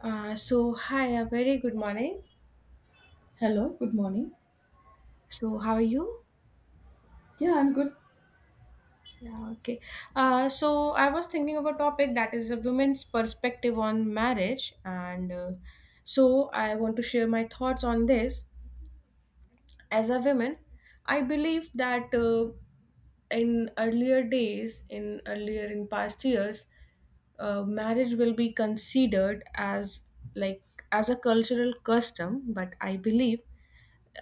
So hi, a very good morning. Hello, good morning. So how are you? Yeah, I'm good. Yeah, okay. So I was thinking of a topic that is a woman's perspective on marriage, and so I want to share my thoughts on this. As a woman, I believe that in earlier days, in past years, marriage will be considered as like as a cultural custom. But I believe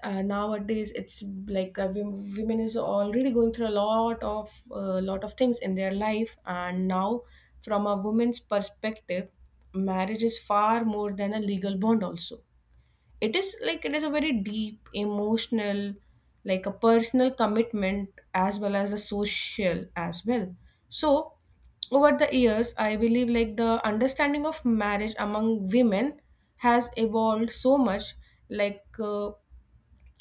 nowadays it's like women is already going through a lot of things in their life, and now from a woman's perspective marriage is far more than a legal bond. Also, it is like it is a very deep emotional, like a personal commitment, as well as a social as well. So over the years I believe like the understanding of marriage among women has evolved so much. like uh,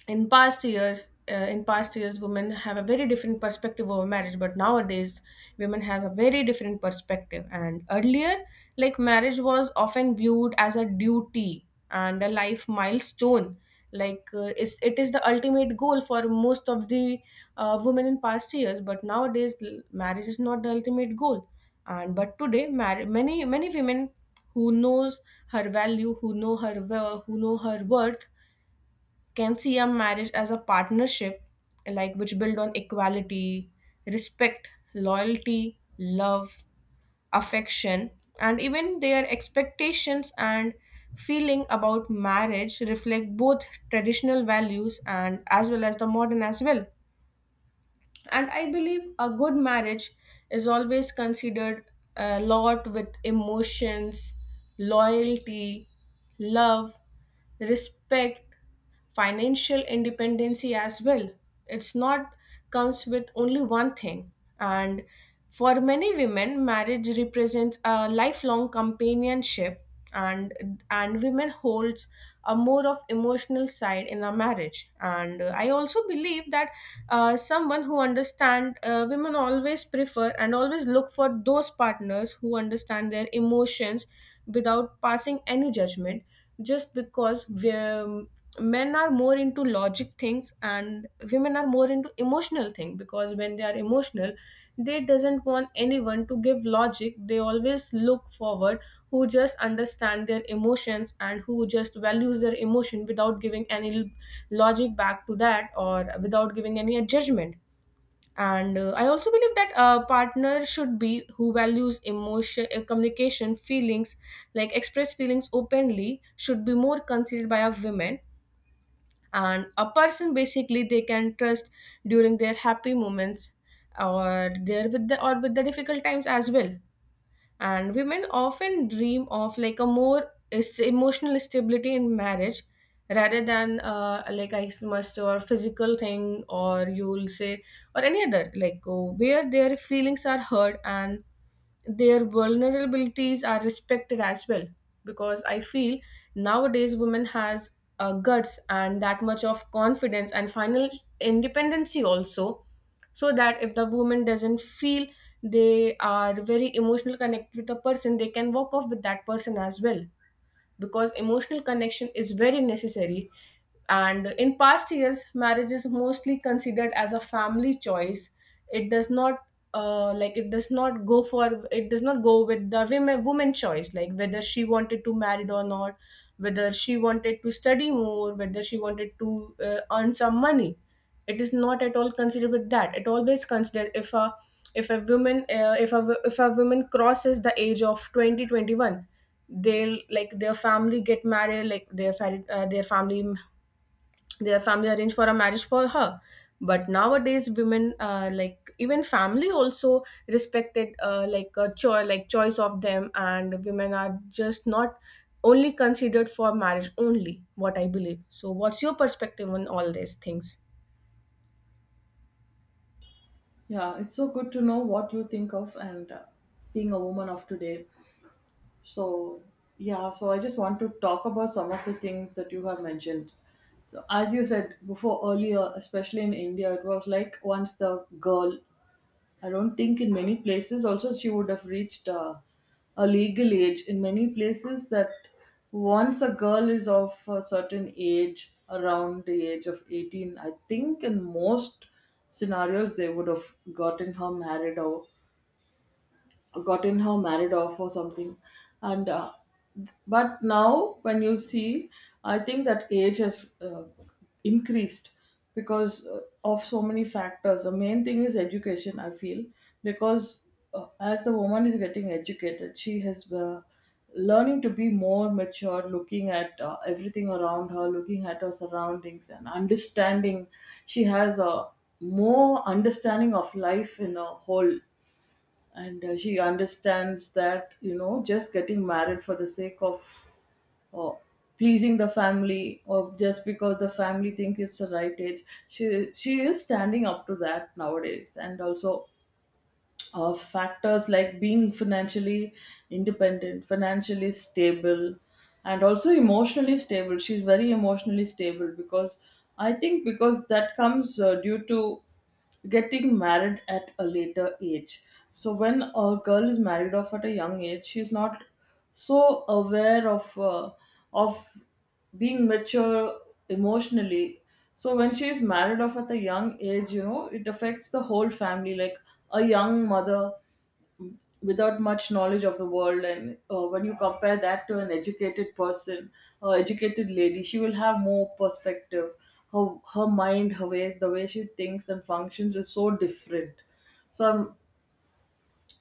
in past years women have a very different perspective over marriage, but nowadays women have a very different perspective. And earlier, like, marriage was often viewed as a duty and a life milestone, it is the ultimate goal for most of the women in past years. But nowadays, marriage is not the ultimate goal. And but today, many women who knows her value, who know her who know her worth can see a marriage as a partnership, like, which build on equality, respect, loyalty, love, affection. And even their expectations and feeling about marriage reflect both traditional values and as well as the modern as well. And I believe a good marriage is always considered a lot with emotions, loyalty, love, respect, financial independency as well. It's not comes with only one thing. And for many women marriage represents a lifelong companionship. And women holds a more of emotional side in a marriage. And I also believe that someone who understand, women always prefer and always look for those partners who understand their emotions without passing any judgment. Just because we men are more into logic things and women are more into emotional thing. Because when they are emotional, they doesn't want anyone to give logic. They always look forward who just understand their emotions and who just values their emotion without giving any logic back to that, or without giving any judgment. And I also believe that a partner should be who values emotion, communication, feelings, like express feelings openly, should be more considered by a woman. And a person basically they can trust during their happy moments, or their with the or with the difficult times as well. And women often dream of like a more emotional stability in marriage, rather than like I must, or physical thing, or you'll say, or any other, like, oh, where their feelings are heard and their vulnerabilities are respected as well. Because I feel nowadays women has guts and that much of confidence and final independency also. So that if the woman doesn't feel they are very emotional connect with a person, they can walk off with that person as well, because emotional connection is very necessary. And in past years marriage is mostly considered as a family choice. It does not, like, it does not go with the women woman choice, like whether she wanted to marry or not, whether she wanted to study more, whether she wanted to earn some money. It is not at all considered with that. It always considered, if a woman, if a woman crosses the age of 20-21, they'll, like, their family get married, like their family, their family arrange for a marriage for her. But nowadays women, like, even family also respected, like, a choice, like choice of them, and women are just not only considered for marriage only, what I believe. So what's your perspective on all these things? Yeah, it's so good to know what you think of and being a woman of today. So, yeah, so I just want to talk about some of the things that you have mentioned. So, as you said before earlier, especially in India, it was like once the girl I don't think in many places also she would have reached a legal age. In many places, that once a girl is of a certain age, around the age of 18, I think in most scenarios they would have gotten her married off or something. And but now when you see, I think that age has increased because of so many factors. The main thing is education, I feel, because as the woman is getting educated, she has learning to be more mature, looking at everything around her, looking at her surroundings and understanding. She has a more understanding of life in a whole. And she understands that, you know, just getting married for the sake of uh, pleasing the family or just because the family think it's the right age, she is standing up to that nowadays. And also factors like being financially independent, financially stable, and also emotionally stable. She's very emotionally stable because, I think, because that comes due to getting married at a later age. So when a girl is married off at a young age, she's not so aware of of being mature emotionally. So when she is married off at a young age, you know, it affects the whole family, like a young mother without much knowledge of the world. And when you compare that to an educated person or educated lady, she will have more perspective. Her, her mind, her way the way she thinks and functions is so different. so I'm,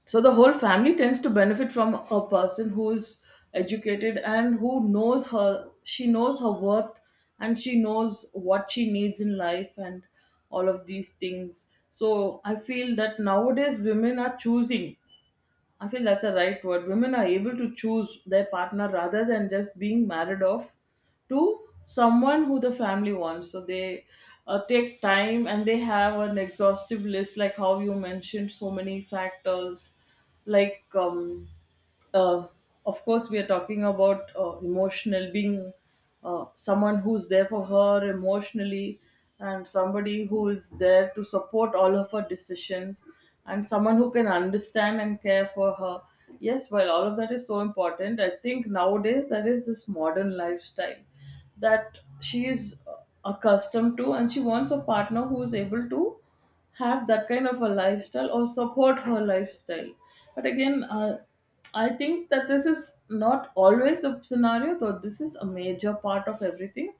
so the whole family tends to benefit from a person who's educated and who knows her, she knows her worth, and she knows what she needs in life and all of these things. So I feel that nowadays women are choosing. I feel that's a right word. Women are able to choose their partner rather than just being married off to someone who the family wants. So they take time and they have an exhaustive list, like how you mentioned, so many factors, like, uh, of course we are talking about emotional being, someone who's there for her emotionally and somebody who is there to support all of her decisions and someone who can understand and care for her. Yes, while all of that is so important, I think nowadays there is this modern lifestyle that she is accustomed to, and she wants a partner who is able to have that kind of a lifestyle or support her lifestyle. But again, I think that this is not always the scenario, though this is a major part of everything.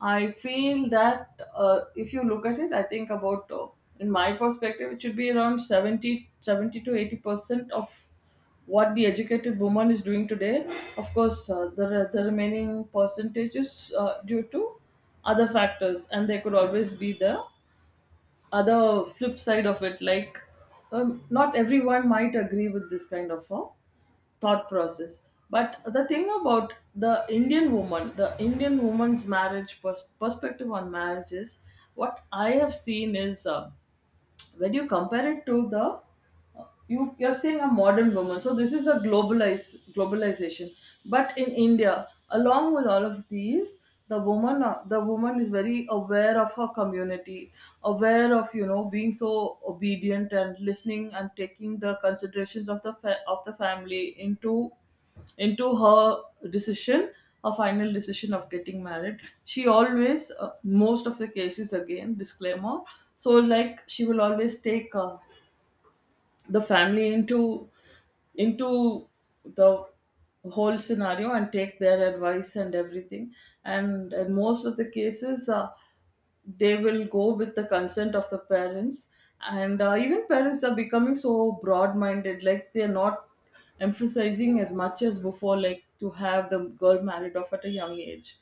I feel that, if you look at it, I think about, in my perspective, it should be around 70, 70 to 80% of what the educated woman is doing today. Of course, the remaining percentage is due to other factors, and they could always be there. Other flip side of it, like, not everyone might agree with this kind of a thought process. But the thing about the Indian woman's marriage perspective on marriage is, what I have seen is, when you compare it to the you're saying a modern woman, so this is a globalized globalization. But in India, along with all of these, the woman is very aware of her community, aware of, being so obedient and listening and taking the considerations of the family into into her decision her final decision of getting married. She always, most of the cases, again, disclaimer, so like she will always take, the family into the whole scenario and take their advice and everything. And in most of the cases, they will go with the consent of the parents. And even parents are becoming so broad minded, like they're not emphasizing as much as before, like to have the girl married off at a young age.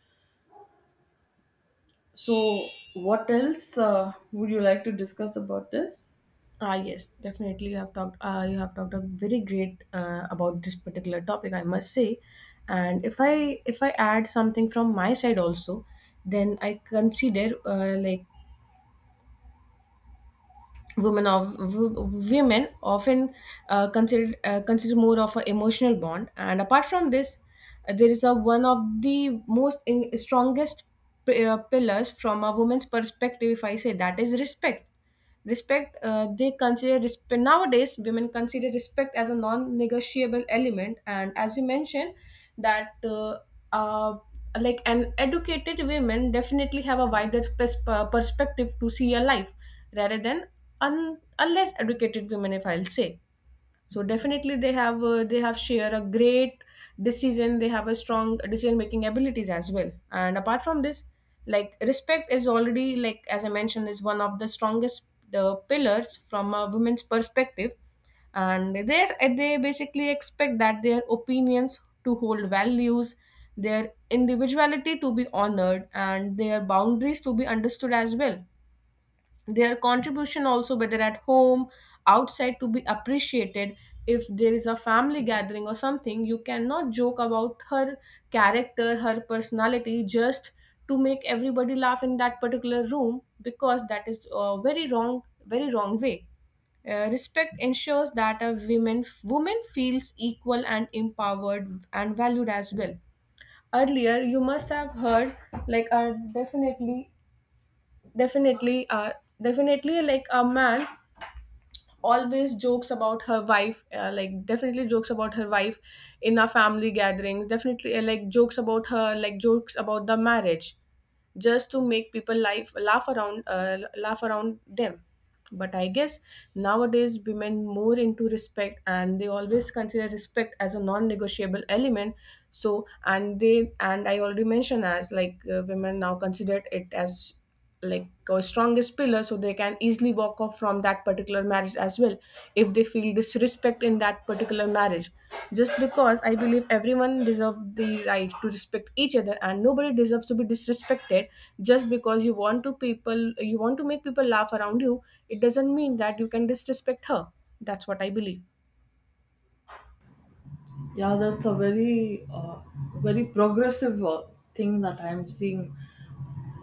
So what else would you like to discuss about this? Ah, yes, definitely. You have talked. You have talked a very great about this particular topic, I must say. And if I add something from my side also, then I consider, like, women of women often consider more of an emotional bond. And apart from this, there is a one of the most strongest pillars from a woman's perspective. If I say that is respect. Respect, they consider respect. Nowadays women consider respect as a non-negotiable element. And as you mentioned that uh, like, an educated women definitely have a wider perspective to see a life, rather than unless educated women, if I'll say. So definitely they have, they have share a great decision. They have a strong decision making abilities as well. And apart from this, like, respect is already, like, as I mentioned, is one of the strongest pillars from a woman's perspective. And they basically expect that their opinions to hold values, their individuality to be honored, and their boundaries to be understood as well. Their contribution also, whether at home, outside, to be appreciated. If there is a family gathering or something, you cannot joke about her character, her personality, just to make everybody laugh in that particular room, because that is a very wrong way. Respect ensures that a women woman feels equal and empowered and valued as well. Earlier you must have heard, like uh, definitely definitely uh definitely, like, a man always jokes about her wife, like, definitely jokes about her wife in a family gathering. Definitely, like, jokes about her, like jokes about the marriage, just to make people life laugh around, laugh around them. But I guess nowadays women more into respect, and they always consider respect as a non-negotiable element. So, and they and I already mentioned as like, women now consider it as, like, a strongest pillar. So they can easily walk off from that particular marriage as well, if they feel disrespect in that particular marriage. Just because I believe everyone deserves the right to respect each other, and nobody deserves to be disrespected just because you want to people you want to make people laugh around you. It doesn't mean that you can disrespect her. That's what I believe. Yeah, that's a very, very progressive thing that I'm seeing.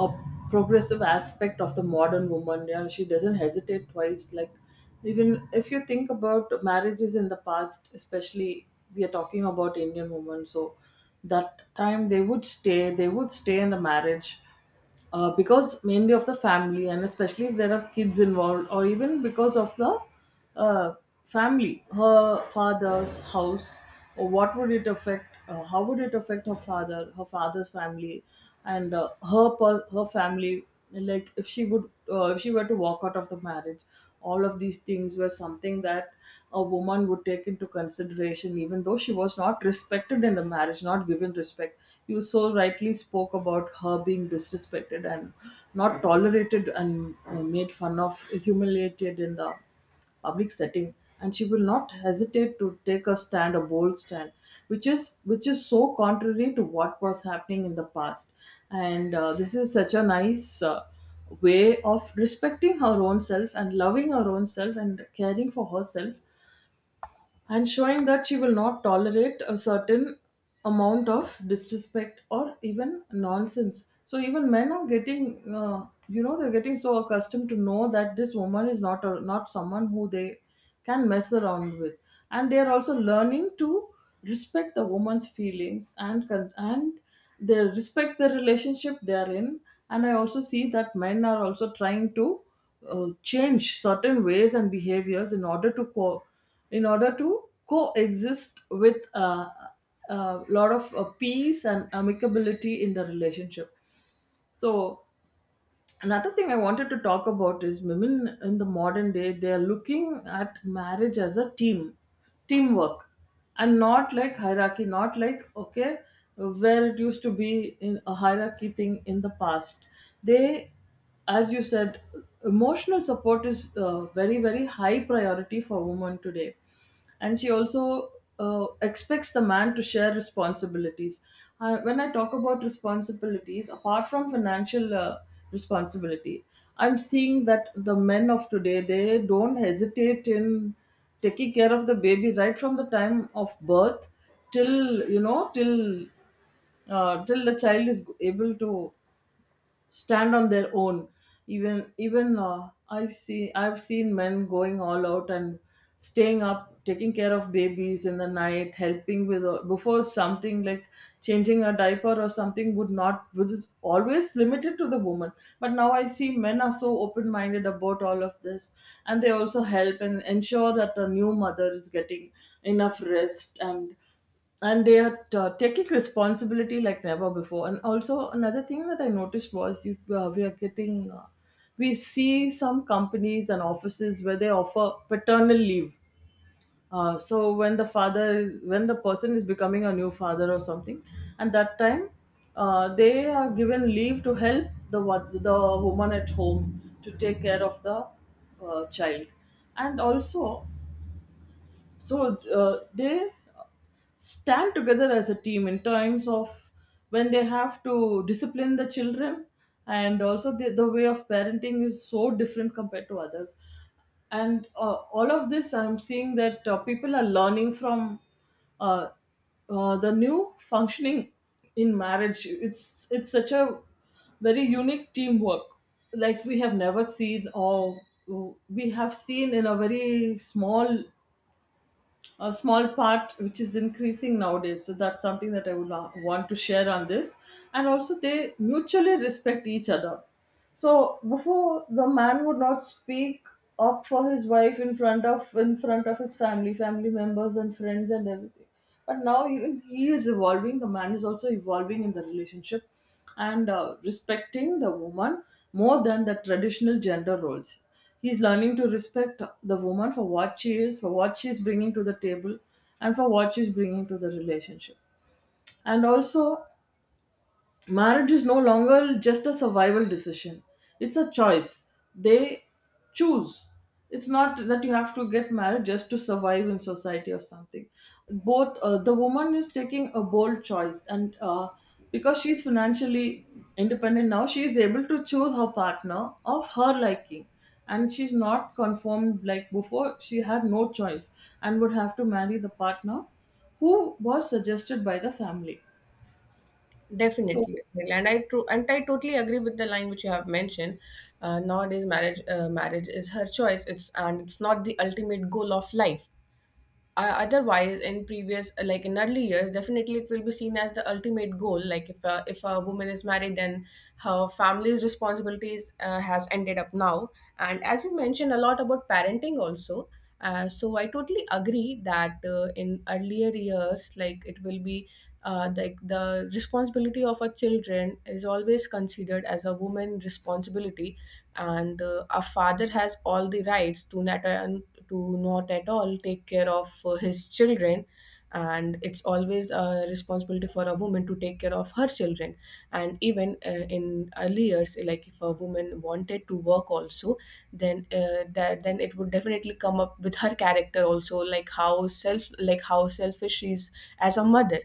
A progressive aspect of the modern woman. Yeah, she doesn't hesitate twice. Like, even if you think about marriages in the past, especially we are talking about Indian women. So, that time they would stay. They would stay in the marriage. Because mainly of the family, and especially if there are kids involved, or even because of the uh, family, her father's house, or what would it affect? How would it affect her father, her father's family, and her family? Like, if she were to walk out of the marriage, all of these things were something that a woman would take into consideration, even though she was not respected in the marriage, not given respect. You so rightly spoke about her being disrespected and not tolerated and made fun of, humiliated in the public setting, and she will not hesitate to take a bold stand, which is so contrary to what was happening in the past. And this is such a nice, way of respecting her own self and loving her own self and caring for herself and showing that she will not tolerate a certain amount of disrespect or even nonsense. So even men are getting so accustomed to know that this woman is not someone who they can mess around with, and they are also learning to respect the woman's feelings and they respect the relationship they are in. And I also see that men are also trying to change certain ways and behaviors in order to coexist with a lot of peace and amicability in the relationship. So another thing I wanted to talk about is women in the modern day, they are looking at marriage as a team, teamwork, and not like hierarchy, not like, okay, where it used to be in a hierarchy thing in the past. They, as you said, emotional support is, very, very high priority for women today, and she also expects the man to share responsibilities. When I talk about responsibilities, apart from financial, responsibility, I'm seeing that the men of today, they don't hesitate in taking care of the baby right from the time of birth, till, you know, till the child is able to stand on their own. Even I've seen men going all out and staying up taking care of babies in the night, helping with, before, something like changing a diaper or something would not was always limited to the woman. But now I see men are so open minded about all of this, and they also help and ensure that the new mother is getting enough rest. And they are taking responsibility like never before. And also another thing that I noticed was, you, we are getting we see some companies and offices where they offer paternal leave. So when the father when the person is becoming a new father or something, and that time they are given leave to help the woman at home to take care of the child. And also, so they stand together as a team in terms of when they have to discipline the children. And also the way of parenting is so different compared to others. And all of this, I'm seeing that people are learning from uh, the new functioning in marriage. It's such a very unique teamwork, like we have never seen, or we have seen in a small part, which is increasing nowadays. So that's something that I would want to share on this. And also they mutually respect each other. So before, the man would not speak up for his wife in front of, his family members and friends and everything. But now, even he is evolving, the man is also evolving in the relationship, and respecting the woman more than the traditional gender roles. He's learning to respect the woman for what she is, for what she's bringing to the table and for what she's bringing to the relationship. And also, marriage is no longer just a survival decision. It's a choice they choose. It's not that you have to get married just to survive in society or something. Both the woman is taking a bold choice, and because she's financially independent now, she is able to choose her partner of her liking. And she's not conformed. Like before, she had no choice and would have to marry the partner who was suggested by the family so. Definitely, definitely. And I totally agree with the line which you have mentioned. Nowadays, marriage is her choice. It's not the ultimate goal of life. Otherwise in previous, like, in early years, definitely it will be seen as the ultimate goal, like if a woman is married, then her family's responsibilities has ended up now. And as you mentioned a lot about parenting also, so I totally agree that in earlier years, like, it will be like the responsibility of our children is always considered as a woman responsibility. And a father has all the rights to not at all take care of his children. And it's always a responsibility for a woman to take care of her children. And even in early years, like, if a woman wanted to work also, then that then it would definitely come up with her character also, like how self, like how selfish she is as a mother.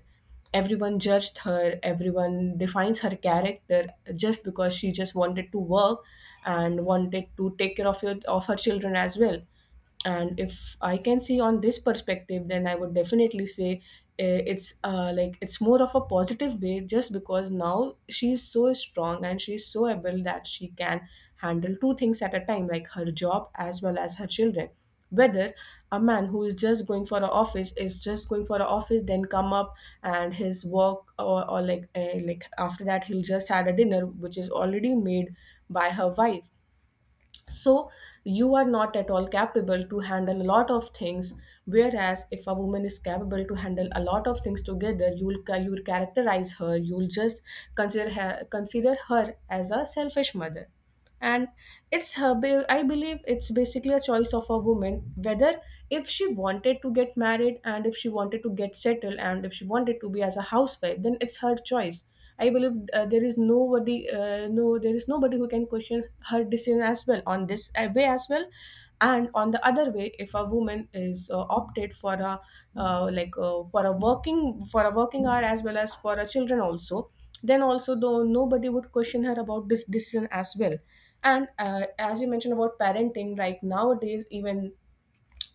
Everyone judged her, everyone defines her character, just because she just wanted to work and wanted to take care of, of her children as well. And if I can see on this perspective, then I would definitely say, eh, it's like, it's more of a positive way, just because now she's so strong and she's so able that she can handle two things at a time, like her job as well as her children. Whether a man who is just going for an office, then come up, and his work, or like, like, after that he'll just had a dinner which is already made by her wife. So you are not at all capable to handle a lot of things, whereas if a woman is capable to handle a lot of things together, you will you will characterize her, you will just consider her as a selfish mother. And it's her I believe it's basically a choice of a woman, whether if she wanted to get married, and if she wanted to get settled, and if she wanted to be as a housewife, then it's her choice. I believe there is nobody no, there is nobody who can question her decision as well on this way as well. And on the other way, if a woman is opted for a, for a working hour as well as for a children also, then also though nobody would question her about this decision as well. And as you mentioned about parenting, like nowadays even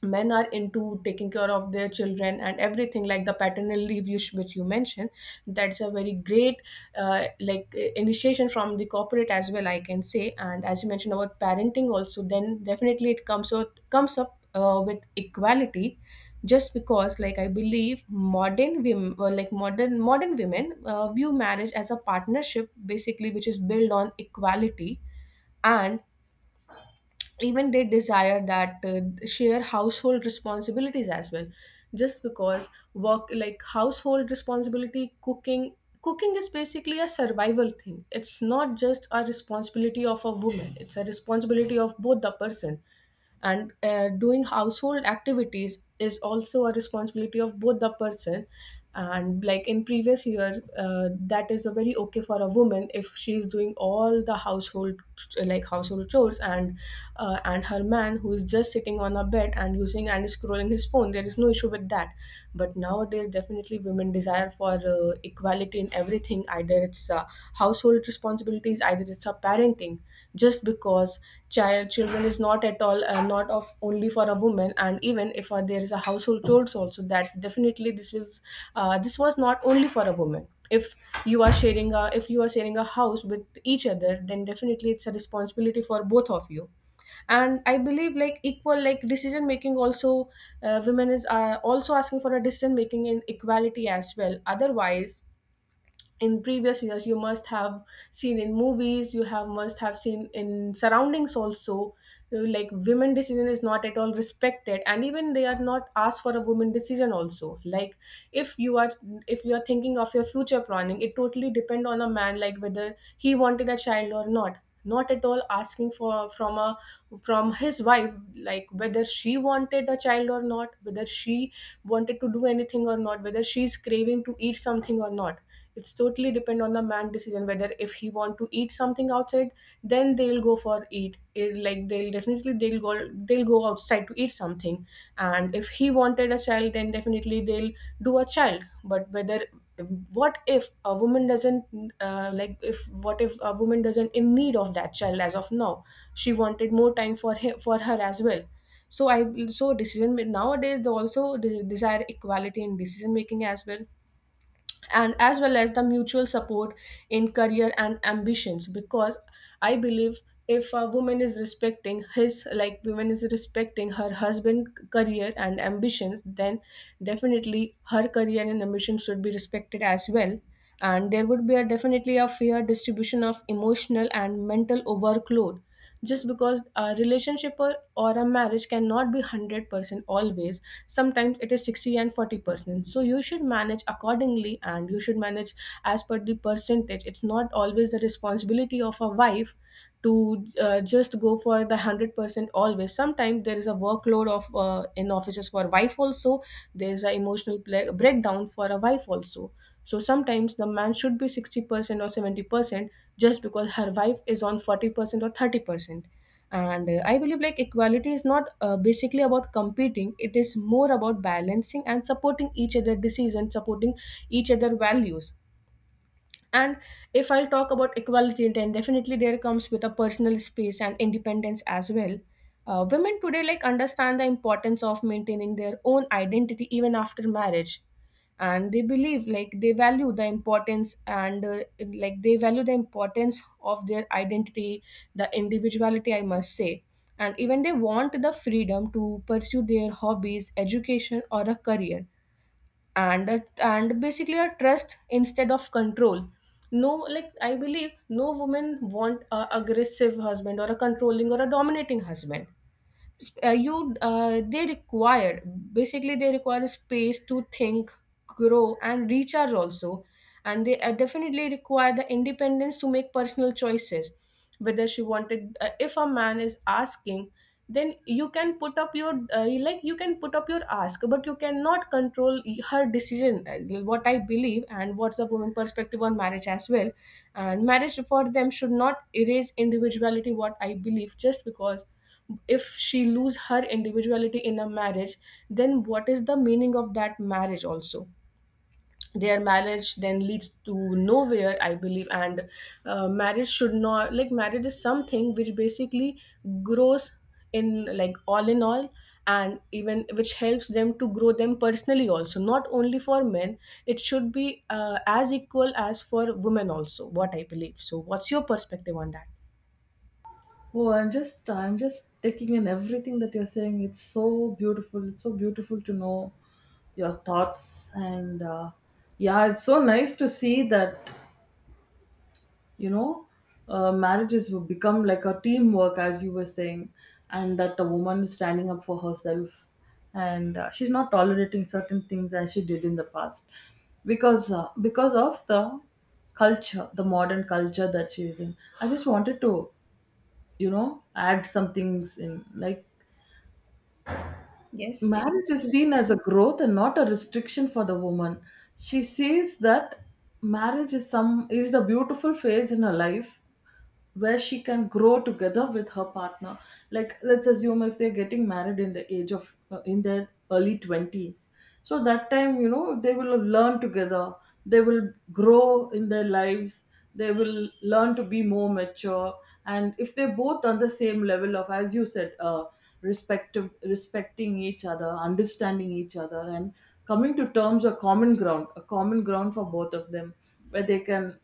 men are into taking care of their children and everything, like the paternal leave you, which you mentioned, that's a very great initiation from the corporate as well, I can say. And as you mentioned about parenting also, then definitely it comes up with equality. Just because, like, I believe modern women, or like modern women view marriage as a partnership, basically, which is built on equality. And even they desire that share household responsibilities as well. Just because work, like household responsibility, cooking, cooking is basically a survival thing. It's not just a responsibility of a woman, it's a responsibility of both the person. And doing household activities is also a responsibility of both the person. And like in previous years, that is a very okay for a woman if she is doing all the household, like household chores, and her man who is just sitting on a bed and using and scrolling his phone, there is no issue with that. But nowadays definitely women desire for equality in everything, either it's household responsibilities, either it's a parenting. Just because children is not at all not of only for a woman. And even if there is a household chores also, that definitely this was not only for a woman. If you are sharing a, if you are sharing a house with each other, then definitely it's a responsibility for both of you. And I believe like equal, like decision making also, women is also asking for a decision making in equality as well. Otherwise in previous years you must have seen in movies, you have must have seen in surroundings also, like women decision is not at all respected, and even they are not asked for a woman decision also. Like if you are, if you are thinking of your future planning, it totally depend on a man, like whether he wanted a child or not. Not at all asking for from a, from his wife, like whether she wanted a child or not, whether she wanted to do anything or not, whether she's craving to eat something or not. It's totally depend on the man decision, whether if he want to eat something outside, then they'll go for eat it, like they'll definitely, they'll go, they'll go outside to eat something. And if he wanted a child, then definitely they'll do a child. But whether, what if a woman doesn't, if what if a woman doesn't in need of that child as of now, she wanted more time for him, for her as well. So I, so nowadays they also desire equality in decision making as well, and as well as the mutual support in career and ambitions. Because I believe if a woman is respecting his, like woman is respecting her husband career and ambitions, then definitely her career and ambitions should be respected as well. And there would be a definitely a fair distribution of emotional and mental overload. Just because a relationship or a marriage cannot be 100% always, sometimes it is 60 and 40%, so you should manage accordingly and you should manage as per the percentage. It's not always the responsibility of a wife to just go for the 100% always. Sometimes there is a workload of in offices for wife also, there is a breakdown for a wife also. So sometimes the man should be 60% or 70%, just because her wife is on 40% or 30%. And I believe like equality is not basically about competing, it is more about balancing and supporting each other decisions, supporting each other values. And if I'll talk about equality, then definitely there comes with a personal space and independence as well. Women today, like, understand the importance of maintaining their own identity even after marriage. And they believe, like, they value the importance and like they value the importance of their identity, the individuality I must say. And even they want the freedom to pursue their hobbies, education, or a career. And basically a trust instead of control. No, like, I believe no woman want a aggressive husband or a controlling or a dominating husband. You they require, basically they require space to think, grow and recharge also. And they definitely require the independence to make personal choices. Whether she wanted, if a man is asking, then you can put up your like you can put up your ask, but you cannot control her decision, what I believe. And what's the woman perspective on marriage as well? And marriage for them should not erase individuality, what I believe. Just because if she lose her individuality in a marriage, then what is the meaning of that marriage also? Their marriage then leads to nowhere, I believe. And marriage should not, like, marriage is something which basically grows in, like, all in all, and even which helps them to grow them personally also. Not only for men, it should be as equal as for women also, what I believe. So what's your perspective on that? Oh, I'm just taking in everything that you're saying. It's so beautiful. It's so beautiful to know your thoughts, and yeah, it's so nice to see that you know marriages will become like a teamwork, as you were saying, and that the woman is standing up for herself. And she's not tolerating certain things as she did in the past, because of the culture, the modern culture that she is in. I just wanted to, you know, add some things in, like Yes, yes. marriage is seen as a growth and not a restriction for the woman. She sees that marriage is the beautiful phase in her life where she can grow together with her partner. Like, let's assume if they're getting married in the age of in their early 20s, so that time, you know, they will learn together, they will grow in their lives, they will learn to be more mature. And if they're both on the same level of, as you said, respective respecting each other, understanding each other, and coming to terms, a common ground for both of them, where they can,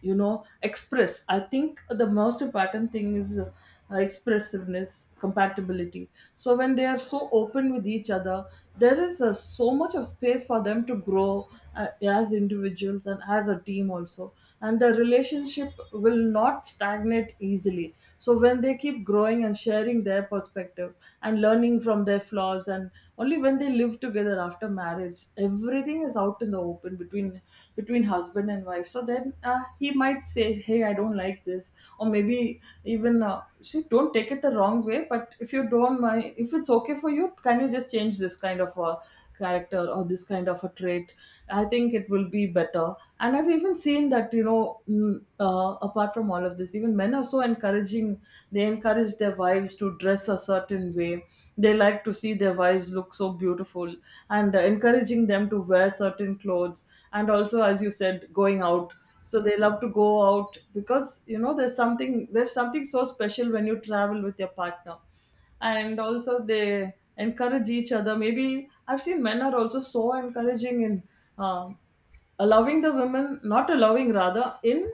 you know, express. I think the most important thing is expressiveness, compatibility. So when they are so open with each other, there is so much of space for them to grow as individuals and as a team also, and the relationship will not stagnate easily. So when they keep growing and sharing their perspective and learning from their flaws, and only when they live together after marriage, everything is out in the open between husband and wife. So then he might say, hey, I don't like this, or maybe even, she don't take it the wrong way, but if you don't mind, if it's okay for you, can you just change this kind of a character or this kind of a trait? I think it will be better. And I've even seen that, you know, mm, apart from all of this, even men are so encouraging. They encourage their wives to dress a certain way. They like to see their wives look so beautiful, and encouraging them to wear certain clothes. And also, as you said, going out. So they love to go out, because you know there's something so special when you travel with your partner. And also they encourage each other. Maybe I've seen men are also so encouraging in, um, allowing the women, not allowing rather, in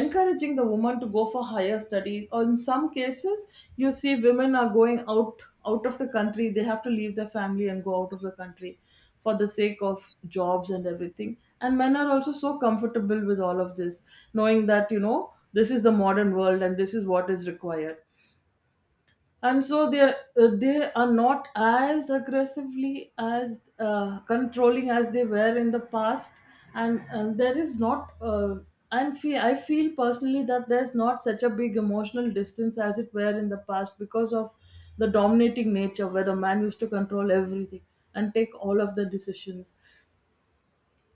encouraging the woman to go for higher studies. Or in some cases, you see women are going out, out of the country. They have to leave their family and go out of the country for the sake of jobs and everything, and men are also so comfortable with all of this, knowing that, you know, this is the modern world and this is what is required. And so they are, they are not as aggressively as controlling as they were in the past. And there is not I feel personally that there's not such a big emotional distance as it were in the past, because of the dominating nature where the man used to control everything and take all of the decisions.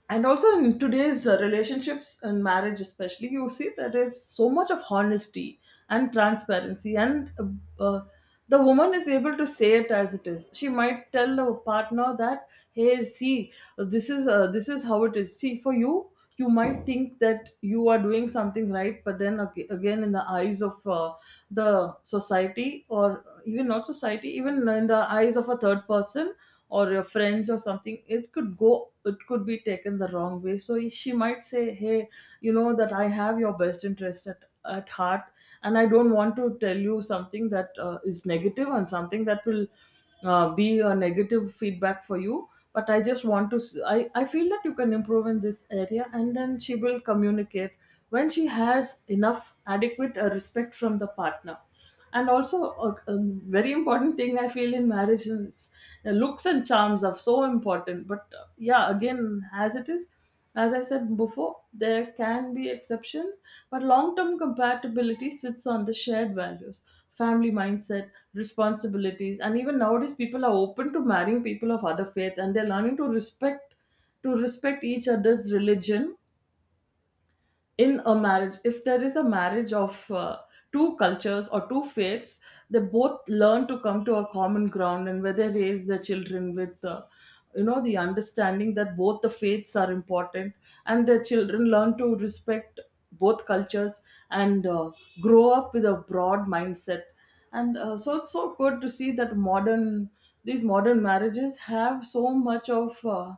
And also in today's relationships and marriage especially, you see that there is so much of honesty and transparency, and uh, the woman is able to say it as it is. She might tell the partner that, hey, see, this is how it is. See, for you, you might think that you are doing something right, but then again in the eyes of the society, or even not society, even in the eyes of a third person or your friends or something, it could go, it could be taken the wrong way. So she might say, hey, you know that I have your best interest at heart, and I don't want to tell you something that is negative and something that will be a negative feedback for you. But I just want to I feel that you can improve in this area. And then she will communicate when she has enough adequate respect from the partner. And also a very important thing I feel in marriage is looks and charms are so important. But yeah, again, as it is, as I said before, there can be exception. But long term compatibility sits on the shared values, family mindset, responsibilities. And even nowadays people are open to marrying people of other faith, and they're learning to respect each other's religion. In a marriage, if there is a marriage of two cultures or two faiths, they both learn to come to a common ground, and where they raise their children with, you know, the understanding that both the faiths are important, and their children learn to respect both cultures. And grow up with a broad mindset and so it's so good to see that modern these modern marriages have so much of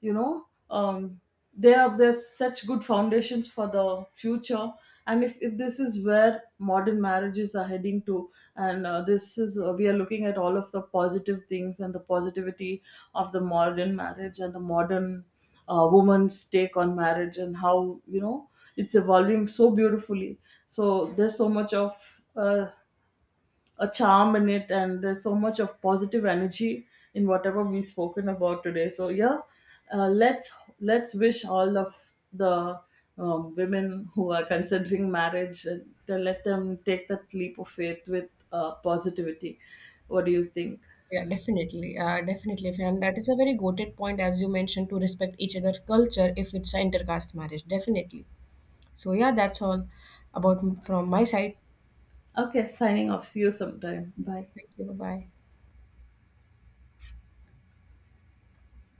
you know, they are, there's such good foundations for the future. And if this is where modern marriages are heading to, and this is, we are looking at all of the positive things and the positivity of the modern marriage and the modern woman's take on marriage, and how, you know, it's evolving so beautifully. So there's so much of a charm in it, and there's so much of positive energy in whatever we've spoken about today. So yeah, let's wish all of the women who are considering marriage, to let them take that leap of faith with positivity. What do you think? Yeah, definitely, definitely, and that is a very goated point as you mentioned, to respect each other's culture if it's an intercaste marriage. Definitely. So yeah, that's all about from my side. Okay, signing off. See you sometime. Bye. Thank you. Bye.